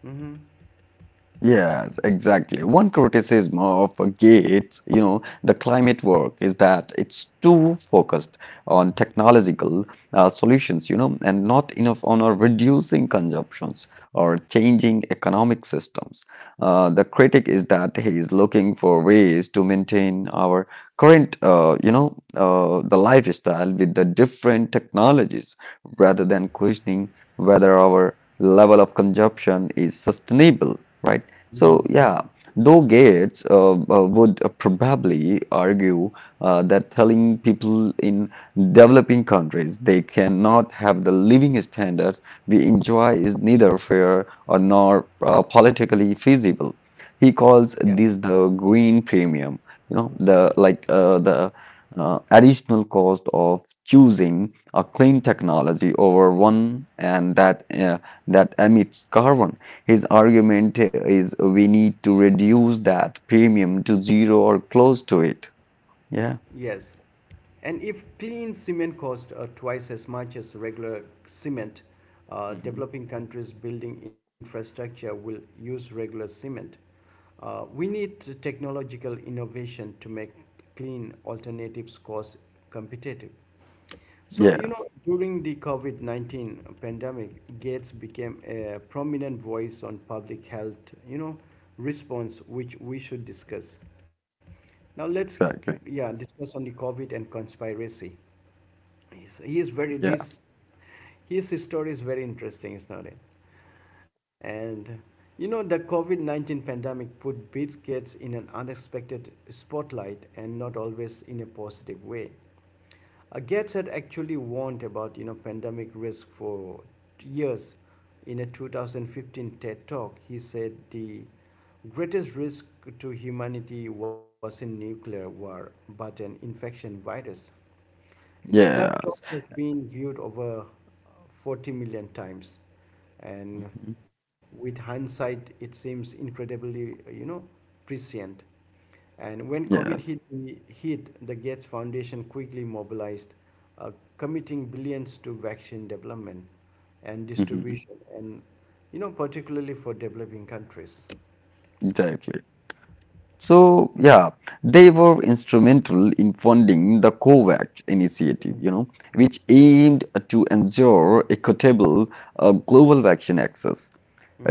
[SPEAKER 1] Hmm.
[SPEAKER 2] Yes, exactly. One criticism of Gates, you know, the climate work is that it's too focused on technological solutions, you know, and not enough on reducing consumptions or changing economic systems. The critic is that he is looking for ways to maintain our current, the lifestyle with the different technologies rather than questioning whether our level of consumption is sustainable, right? So, yeah, though Gates would probably argue that telling people in developing countries they cannot have the living standards we enjoy is neither fair or nor politically feasible. He
[SPEAKER 1] Yeah,
[SPEAKER 2] calls this the green premium, you know, the like the additional cost of choosing a clean technology over one, and that that emits carbon. His argument is we need to reduce that premium to zero or close to it. Yeah.
[SPEAKER 1] yes. And if clean cement costs twice as much as regular cement,
[SPEAKER 2] Hmm.
[SPEAKER 1] developing countries building infrastructure will use regular cement. We need technological innovation to make clean alternatives cost competitive. So, you
[SPEAKER 2] Yes.
[SPEAKER 1] know, during the COVID 19 pandemic, Gates became a prominent voice on public health, you know, response, which we should discuss. Now, let's,
[SPEAKER 2] Exactly.
[SPEAKER 1] yeah, discuss on the COVID and conspiracy. He's, he is very,
[SPEAKER 2] Yeah.
[SPEAKER 1] this, His story is very interesting, is not it? And, you know, the COVID 19 pandemic put Bill Gates in an unexpected spotlight and not always in a positive way. Gates had actually warned about you know pandemic risk for years. In a 2015 TED talk, he said the greatest risk to humanity wasn't nuclear war, but an infection virus. You know, that
[SPEAKER 2] Yes.
[SPEAKER 1] talk has been viewed over 40 million times. And
[SPEAKER 2] Hmm.
[SPEAKER 1] with hindsight, it seems incredibly, you know, prescient. And when COVID hit,
[SPEAKER 2] Yes.
[SPEAKER 1] the Gates Foundation quickly mobilized, committing billions to vaccine development and
[SPEAKER 2] Hmm.
[SPEAKER 1] distribution, and, you know, particularly for developing countries.
[SPEAKER 2] Exactly. So, yeah, they were instrumental in funding the COVAX initiative, you know, which aimed to ensure equitable global vaccine access.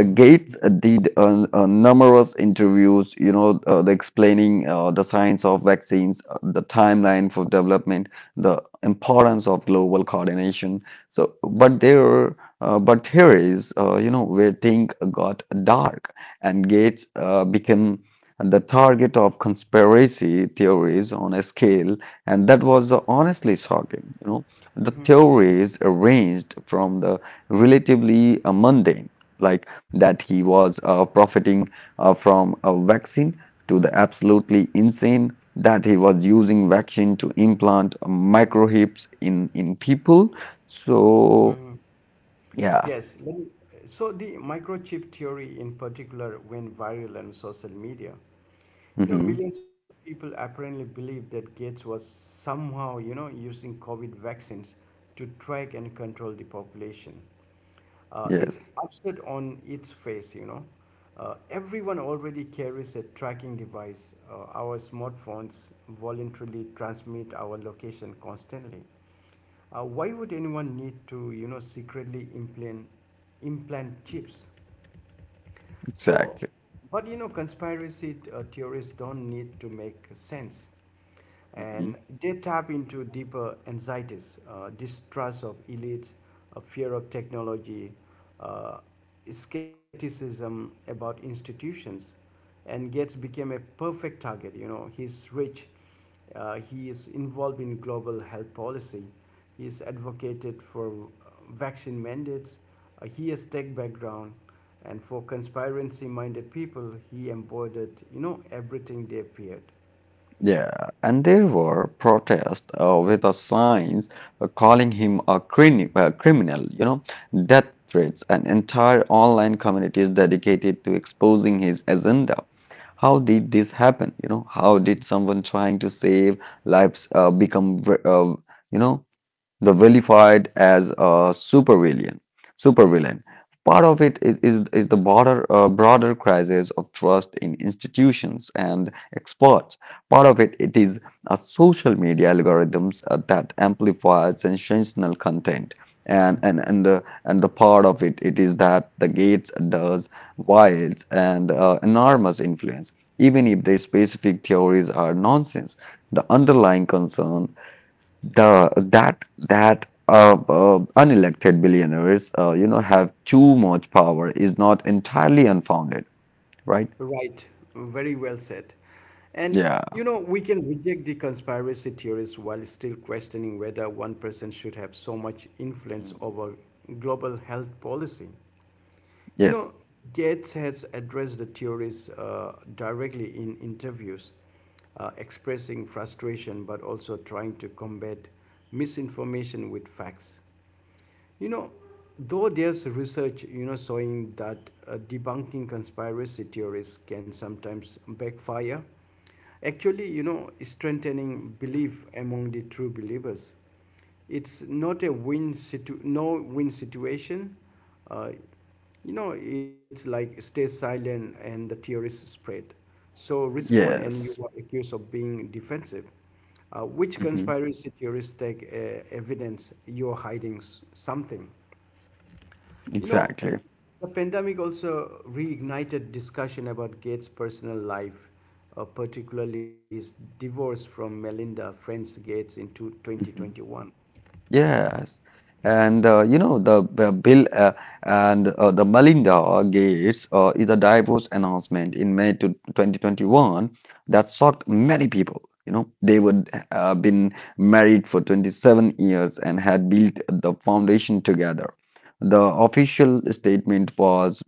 [SPEAKER 2] Gates did numerous interviews, you know, the explaining the science of vaccines, the timeline for development, the importance of global coordination. So, but here is, you know, where things got dark, and Gates became the target of conspiracy theories on a scale, and that was honestly shocking. You know, the theories ranged from the relatively mundane, like that he was profiting from a vaccine, to the absolutely insane, that he was using vaccine to implant microchips in people.
[SPEAKER 1] Mm-hmm.
[SPEAKER 2] So yeah.
[SPEAKER 1] Yes. So the microchip theory in particular went viral on social media. You know,
[SPEAKER 2] Hmm.
[SPEAKER 1] millions of people apparently believed that Gates was somehow, you know, using COVID vaccines to track and control the population. It's
[SPEAKER 2] Yes,
[SPEAKER 1] absurd on its face, you know. Everyone already carries a tracking device. Our smartphones voluntarily transmit our location constantly. Why would anyone need to, you know, secretly implant chips? So,
[SPEAKER 2] exactly.
[SPEAKER 1] but you know, conspiracy theorists don't need to make sense,
[SPEAKER 2] Mm-hmm.
[SPEAKER 1] and they tap into deeper anxieties, distrust of elites, a fear of technology, uh, skepticism about institutions, and Gates became a perfect target. You know, he's rich, he is involved in global health policy. He is advocated for vaccine mandates. He has tech background, and for conspiracy-minded people, he embodied you know everything they feared.
[SPEAKER 2] Yeah, and there were protests with the signs calling him a crini criminal, you know, death threats, and entire online communities dedicated to exposing his agenda. How did this happen? You know, how did someone trying to save lives become, vi- you know, the vilified as a supervillain supervillain? Part of it is the broader broader crisis of trust in institutions and experts. Part of it it is a social media algorithms that amplify sensational content. and
[SPEAKER 1] Mm.
[SPEAKER 2] and and the, and the part of it it is that the Gates does wields and enormous influence. Even if the specific theories are nonsense, the underlying concern, the that unelected billionaires, you know, have too much power, is not entirely unfounded, right?
[SPEAKER 1] Right, very well said. And you
[SPEAKER 2] Yeah.
[SPEAKER 1] know we can reject the conspiracy theories while still questioning whether one person should have so much influence
[SPEAKER 2] Mm.
[SPEAKER 1] over global health policy. You
[SPEAKER 2] Yes.
[SPEAKER 1] know, Gates has addressed the theories directly in interviews, expressing frustration but also trying to combat misinformation with facts. You know, though there's research, you know, showing that debunking conspiracy theories can sometimes backfire, actually, you know, strengthening belief among the true believers. It's not a win situ No win situation. Uh, you know, it's like stay silent and the theories spread. So respond and you
[SPEAKER 2] Yes.
[SPEAKER 1] are accused of being defensive. Which
[SPEAKER 2] Hmm.
[SPEAKER 1] conspiracy theorists take evidence you're hiding something? You know,
[SPEAKER 2] Exactly.
[SPEAKER 1] the pandemic also reignited discussion about Gates' personal life, particularly his divorce from Melinda Friends Gates in 2021.
[SPEAKER 2] Yes, and you know the Bill and the Melinda Gates is a divorce announcement in May to 2021 that shocked many people. You know, they would been married for 27 years and had built the foundation together. The official statement was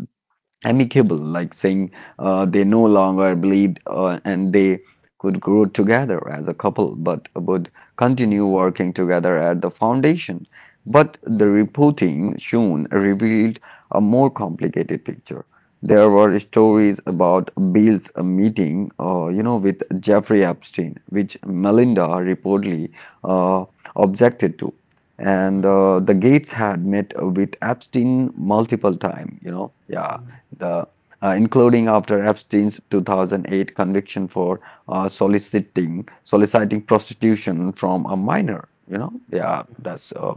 [SPEAKER 2] amicable, like saying they no longer believed and they could grow together as a couple, but would continue working together at the foundation. But the reporting soon revealed a more complicated picture. There were stories about Bill's meeting, you know, with Jeffrey Epstein, which Melinda reportedly uh, objected to. And the Gates had met with Epstein multiple times, you know. Yeah, the including after Epstein's 2008 conviction for soliciting prostitution from a minor. You know, yeah,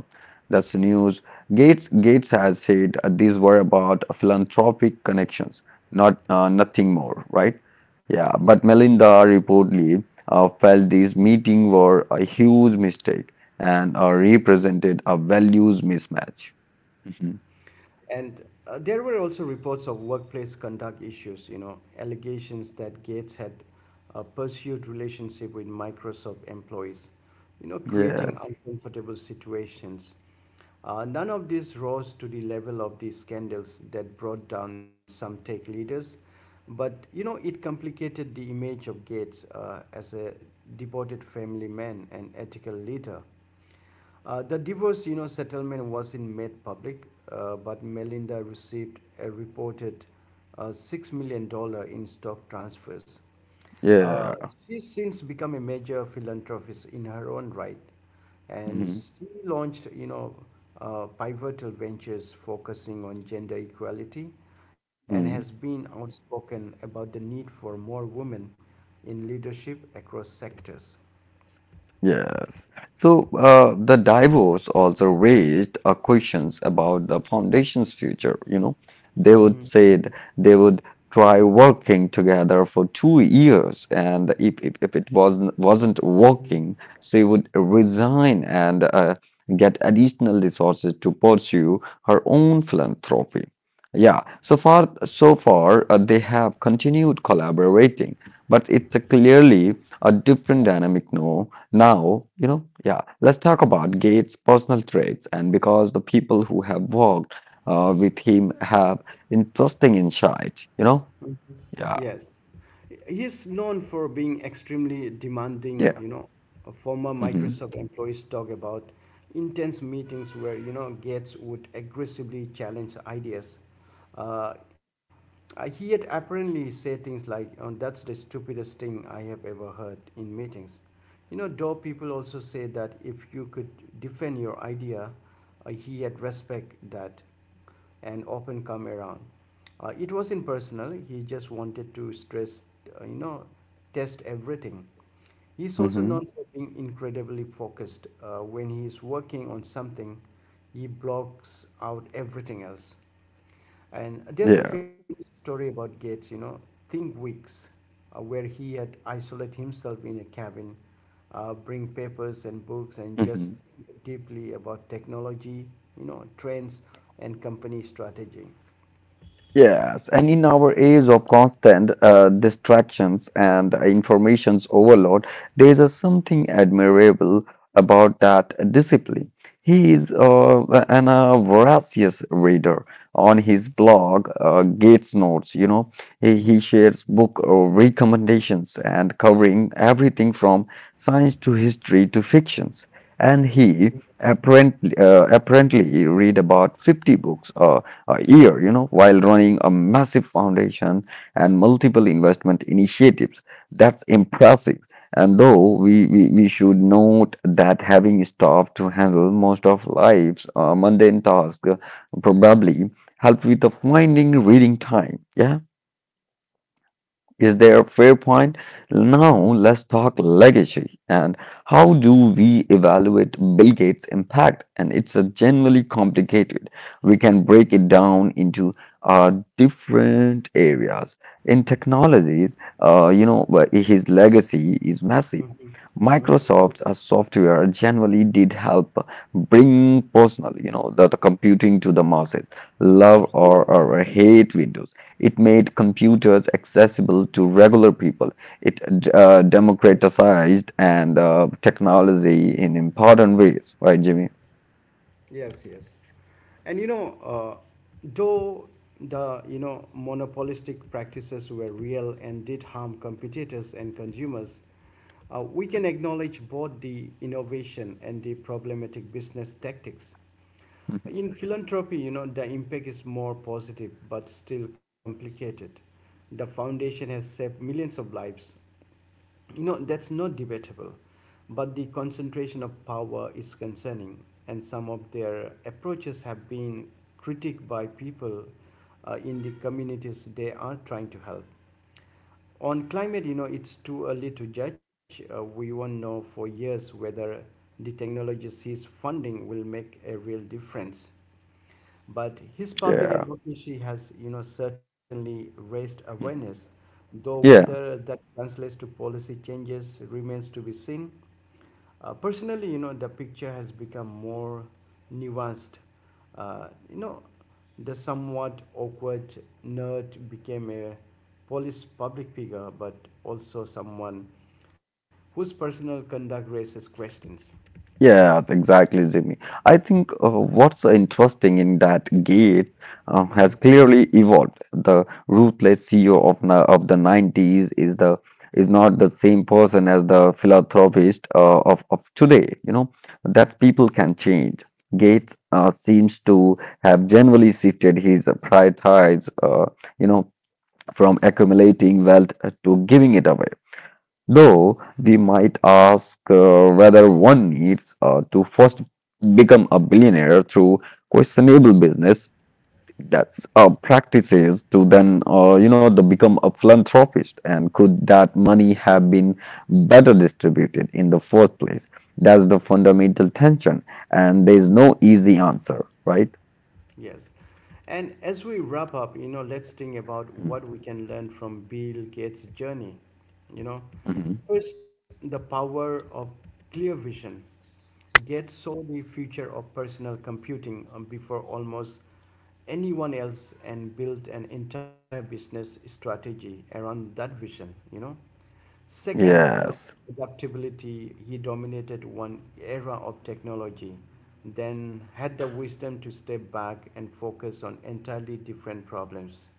[SPEAKER 2] that's the news. Gates has said these were about philanthropic connections, not nothing more, right? Yeah,
[SPEAKER 1] Yeah.
[SPEAKER 2] but Melinda reportedly felt these meetings were a huge mistake and represented a values mismatch. Mhm.
[SPEAKER 1] And there were also reports of workplace conduct issues, you know, allegations that Gates had a pursued relationship with Microsoft employees, you know, creating
[SPEAKER 2] Yes.
[SPEAKER 1] uncomfortable situations. None of this rose to the level of the scandals that brought down some tech leaders, but you know, it complicated the image of Gates as a devoted family man and ethical leader. The divorce, you know, settlement wasn't made public, but Melinda received a reported 6 million dollar in stock transfers. Uh,
[SPEAKER 2] Yeah.
[SPEAKER 1] she's since become a major philanthropist in her own right, and
[SPEAKER 2] Mhm.
[SPEAKER 1] she launched, you know, pivotal ventures focusing on gender equality, and has
[SPEAKER 2] Hmm.
[SPEAKER 1] been outspoken about the need for more women in leadership across sectors.
[SPEAKER 2] Yes. So the divorce also raised questions about the foundation's future. You know, they would
[SPEAKER 1] Mhm.
[SPEAKER 2] say they would try working together for 2 years, and if it wasn't working, she would resign and get additional resources to pursue her own philanthropy. Yeah. So far, they have continued collaborating, but it's a clearly a different dynamic now, you know. Yeah, let's talk about Gates' personal traits, and because the people who have worked with him have interesting insight, you know? Yeah,
[SPEAKER 1] Yes. He's known for being extremely demanding,
[SPEAKER 2] yeah.
[SPEAKER 1] you know. A former
[SPEAKER 2] Mm-hmm.
[SPEAKER 1] Microsoft employees talk about intense meetings where, you know, Gates would aggressively challenge ideas. Uh, he had apparently said things like, oh, that's the stupidest thing I have ever heard in meetings. You know, though people also say that if you could defend your idea, he had respect that and often come around. It wasn't personal, he just wanted to stress, uh, you know, test everything. He's also
[SPEAKER 2] Mm-hmm.
[SPEAKER 1] known for being incredibly focused. When he's working on something, he blocks out everything else. And there's a
[SPEAKER 2] Yeah.
[SPEAKER 1] famous story about Gates, you know, Think Weeks, where he had isolated himself in a cabin, bring papers and books and just
[SPEAKER 2] Mm-hmm.
[SPEAKER 1] think deeply about technology, you know, trends and company strategy.
[SPEAKER 2] Yes, and in our age of constant distractions and information's overload, there is a something admirable about that discipline. He is an voracious reader. On his blog, Gates Notes, you know, he shares book recommendations and covering everything from science to history to fictions. And he apparently read about 50 books a year, you know, while running a massive foundation and multiple investment initiatives. That's impressive. And though we should note that having staff to handle most of life's mundane tasks probably help with the finding reading time. Yeah, is there a fair point? Now let's talk legacy and how do we evaluate Bill Gates' impact? And it's a generally complicated. We can break it down into uh, different areas. In technologies, his legacy is massive.
[SPEAKER 1] Mhm.
[SPEAKER 2] Microsoft's software generally did help bring personal, you know, the computing to the masses, love or,
[SPEAKER 1] Absolutely.
[SPEAKER 2] or hate Windows. It made computers accessible to regular people. It
[SPEAKER 1] Yes.
[SPEAKER 2] democratized and technology in important ways, right, Jimmy?
[SPEAKER 1] Yes, yes. And though the monopolistic practices were real and did harm competitors and consumers, we can acknowledge both the innovation and the problematic business tactics.
[SPEAKER 2] Mhm.
[SPEAKER 1] In philanthropy, you know, the impact is more positive but still complicated. The foundation has saved millions of lives, you know, that's not debatable, but the concentration of power is concerning, and some of their approaches have been critiqued by people in the communities they are trying to help. On climate, you know, it's too early to judge. We won't know for years whether the technology sees funding will make a real difference. But his public
[SPEAKER 2] Yeah.
[SPEAKER 1] advocacy has, you know, certainly raised awareness,
[SPEAKER 2] Mhm.
[SPEAKER 1] though
[SPEAKER 2] Yeah.
[SPEAKER 1] whether that translates to policy changes remains to be seen. Personally, you know, the picture has become more nuanced. Uh, you know, the somewhat awkward nerd became a police public figure, but also someone whose personal conduct raises questions.
[SPEAKER 2] Yeah, exactly, Jimmy. I think what's interesting in that Gate has
[SPEAKER 1] Mhm.
[SPEAKER 2] clearly evolved. The ruthless CEO of na of the '90s is the is not the same person as the philanthropist of today. You know that people can change. Gates seems to have generally shifted his priorities. You know from accumulating wealth to giving it away. Though we might ask whether one needs to first become a billionaire through questionable business that's practices to then you know the become a philanthropist. And could that money have been better distributed in the first place? That's the fundamental tension, and there is no easy answer, right?
[SPEAKER 1] Yes. And as we wrap up, you know, let's think about
[SPEAKER 2] Mhm.
[SPEAKER 1] what we can learn from Bill Gates' journey. You know,
[SPEAKER 2] Mhm.
[SPEAKER 1] first, the power of clear vision. Gates saw the future of personal computing before almost anyone else and built an entire business strategy around that vision, you know. Second, you know,
[SPEAKER 2] Yes.
[SPEAKER 1] adaptability. He dominated one era of technology, then had the wisdom to step back and focus on entirely different problems.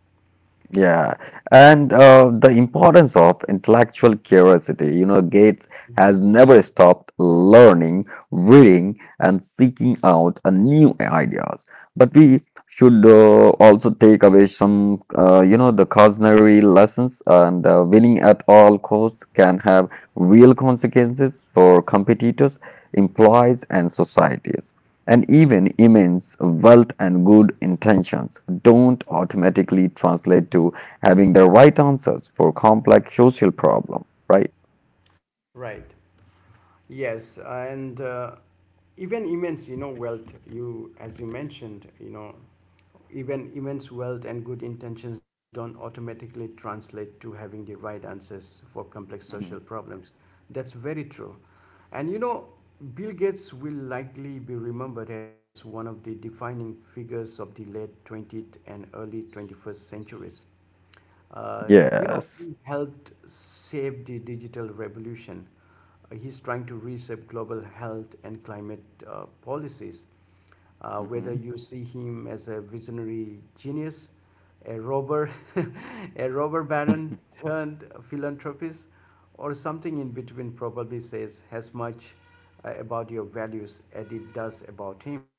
[SPEAKER 2] Yeah, and the importance of intellectual curiosity. You know, Gates has never stopped learning, reading, and seeking out new ideas. But we should also take away some, the cautionary lessons. And winning at all costs can have real consequences for competitors, employees, and societies. And even immense wealth and good intentions don't automatically translate to having the right answers for complex social problem, right?
[SPEAKER 1] Right. Yes, and even immense, wealth. You, as you mentioned, you know, even immense wealth and good intentions don't automatically translate to having the right answers for complex social
[SPEAKER 2] Hmm.
[SPEAKER 1] problems. That's very true. And you know, Bill Gates will likely be remembered as one of the defining figures of the late 20th and early 21st centuries. You know,
[SPEAKER 2] Yes.
[SPEAKER 1] he helped save the digital revolution. He's trying to reshape global health and climate policies, whether
[SPEAKER 2] Hmm.
[SPEAKER 1] you see him as a visionary genius, a robber, a robber baron turned philanthropist, or something in between, probably says as much about your values as it does about him.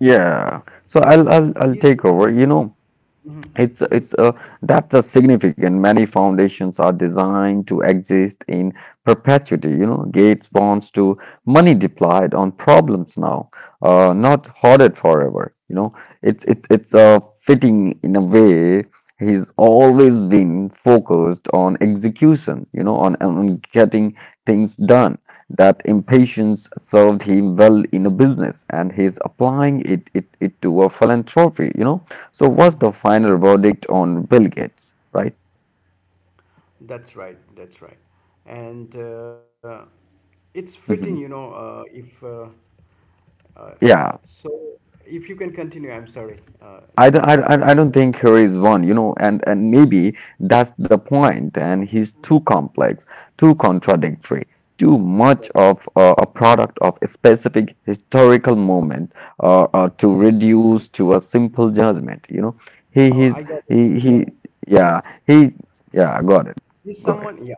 [SPEAKER 2] Yeah.
[SPEAKER 1] So
[SPEAKER 2] So I'll I'll
[SPEAKER 1] he's
[SPEAKER 2] I'll take over. You know, It's that's a significant. Many foundations are designed to exist in perpetuity. You know, Gates wants to money deployed on problems now, not hoarded forever. You know, it's fitting in a way. He's always been focused on execution. You know, on getting things done. That impatience served him well in a business, and he's applying it to a philanthropy. You know, so what's the final verdict on Bill Gates, right?
[SPEAKER 1] that's right, and it's fitting, you know,
[SPEAKER 2] Hmm.
[SPEAKER 1] if. Uh,
[SPEAKER 2] Yeah,
[SPEAKER 1] so if you can continue, I'm sorry. The next.
[SPEAKER 2] I don't think here is one, you know, and maybe that's the point, and he's too complex, too contradictory, too much
[SPEAKER 1] Yes,
[SPEAKER 2] of a product of a specific historical moment
[SPEAKER 1] please.
[SPEAKER 2] to reduce to a simple judgment, you know. He,
[SPEAKER 1] Oh, I
[SPEAKER 2] he's,
[SPEAKER 1] got it.
[SPEAKER 2] he, he,
[SPEAKER 1] Yes.
[SPEAKER 2] yeah, he, yeah,
[SPEAKER 1] Is
[SPEAKER 2] got it.
[SPEAKER 1] someone, yeah.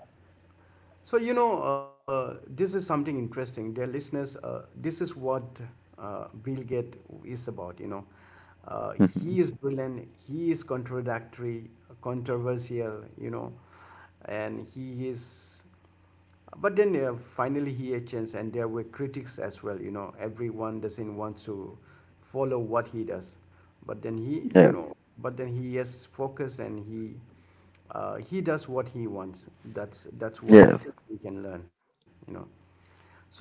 [SPEAKER 1] So, you know, this is something interesting, dear listeners. This is what Bill Gates is about, you know. Uh, he is
[SPEAKER 2] Mhm.
[SPEAKER 1] brilliant, he is contradictory, controversial, you know, and he is. But then finally he had changed, and there were critics as well. You know, everyone doesn't want to follow what he does. But then he, you know,
[SPEAKER 2] Yes,
[SPEAKER 1] but then he has focus and he does what he wants. That's one thing
[SPEAKER 2] yes,
[SPEAKER 1] we can learn. You know, so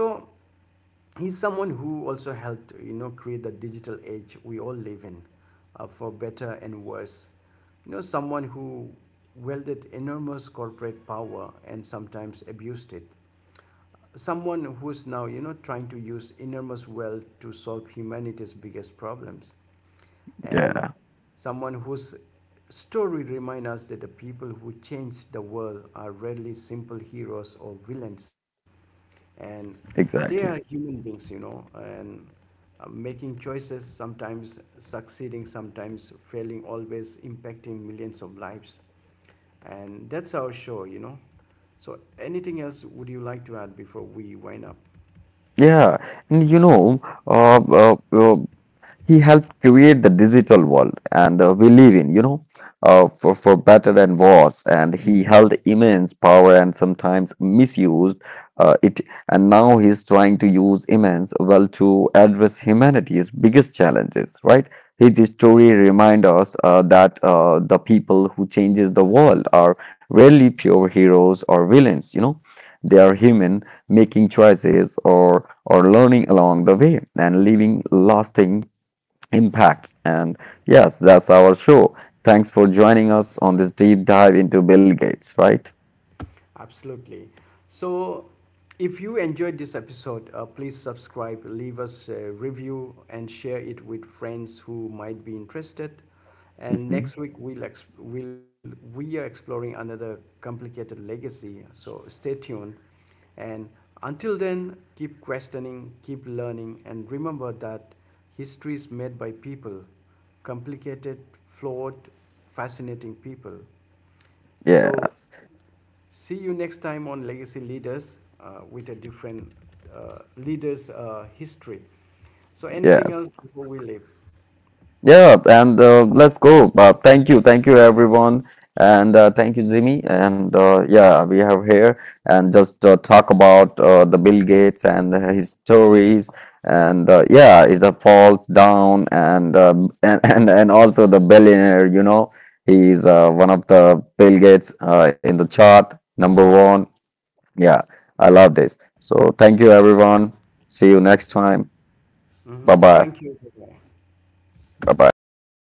[SPEAKER 1] he's someone who also helped, you know, create the digital age we all live in, for better and worse, you know, someone who wielded enormous corporate power and sometimes abused it, someone who's now, you know, trying to use enormous wealth to solve humanity's biggest problems, and
[SPEAKER 2] yeah,
[SPEAKER 1] someone whose story reminds us that the people who change the world are rarely simple heroes or villains, and
[SPEAKER 2] exactly.
[SPEAKER 1] they are human beings, you know, and making choices, sometimes succeeding, sometimes failing, always impacting millions of lives. And that's our show, you know. So anything else would you like to add before we wind up?
[SPEAKER 2] Yeah, and you know, uh, uh, uh, he helped create the digital world and we live in, you know, for better and worse. And he held immense power and sometimes misused it. And now he's trying to use immense wealth to address humanity's biggest challenges, right? His story reminds us that the people who changes the world are rarely pure heroes or villains, you know. They are human, making choices or learning along the way and leaving lasting impact. And yes, that's our show. Thanks for joining us on this deep dive into Bill Gates, right?
[SPEAKER 1] Absolutely. So, if you enjoyed this episode, please subscribe, leave us a review, and share it with friends who might be interested. And
[SPEAKER 2] Mhm.
[SPEAKER 1] next week we'll ex- we'll we are exploring another complicated legacy. So stay tuned, and until then, keep questioning, keep learning, and remember that history is made by people, complicated, flawed, fascinating people. So
[SPEAKER 2] Yes,
[SPEAKER 1] see you next time on Legacy Leaders with a different leader's history. So, anything
[SPEAKER 2] yes.
[SPEAKER 1] else before we leave?
[SPEAKER 2] Yeah, and let's go. Thank you, thank you everyone, and thank you, Jimmy. And yeah, we have here and just talk about the Bill Gates and his stories. And yeah, is a falls down and and also the billionaire. You know, he's one of the Bill Gates in the chart number one. Yeah, I love this. So thank you everyone. See you next time. Bye
[SPEAKER 1] Mhm.
[SPEAKER 2] bye.
[SPEAKER 1] Thank you. Bye-bye.
[SPEAKER 2] Bye bye. Thank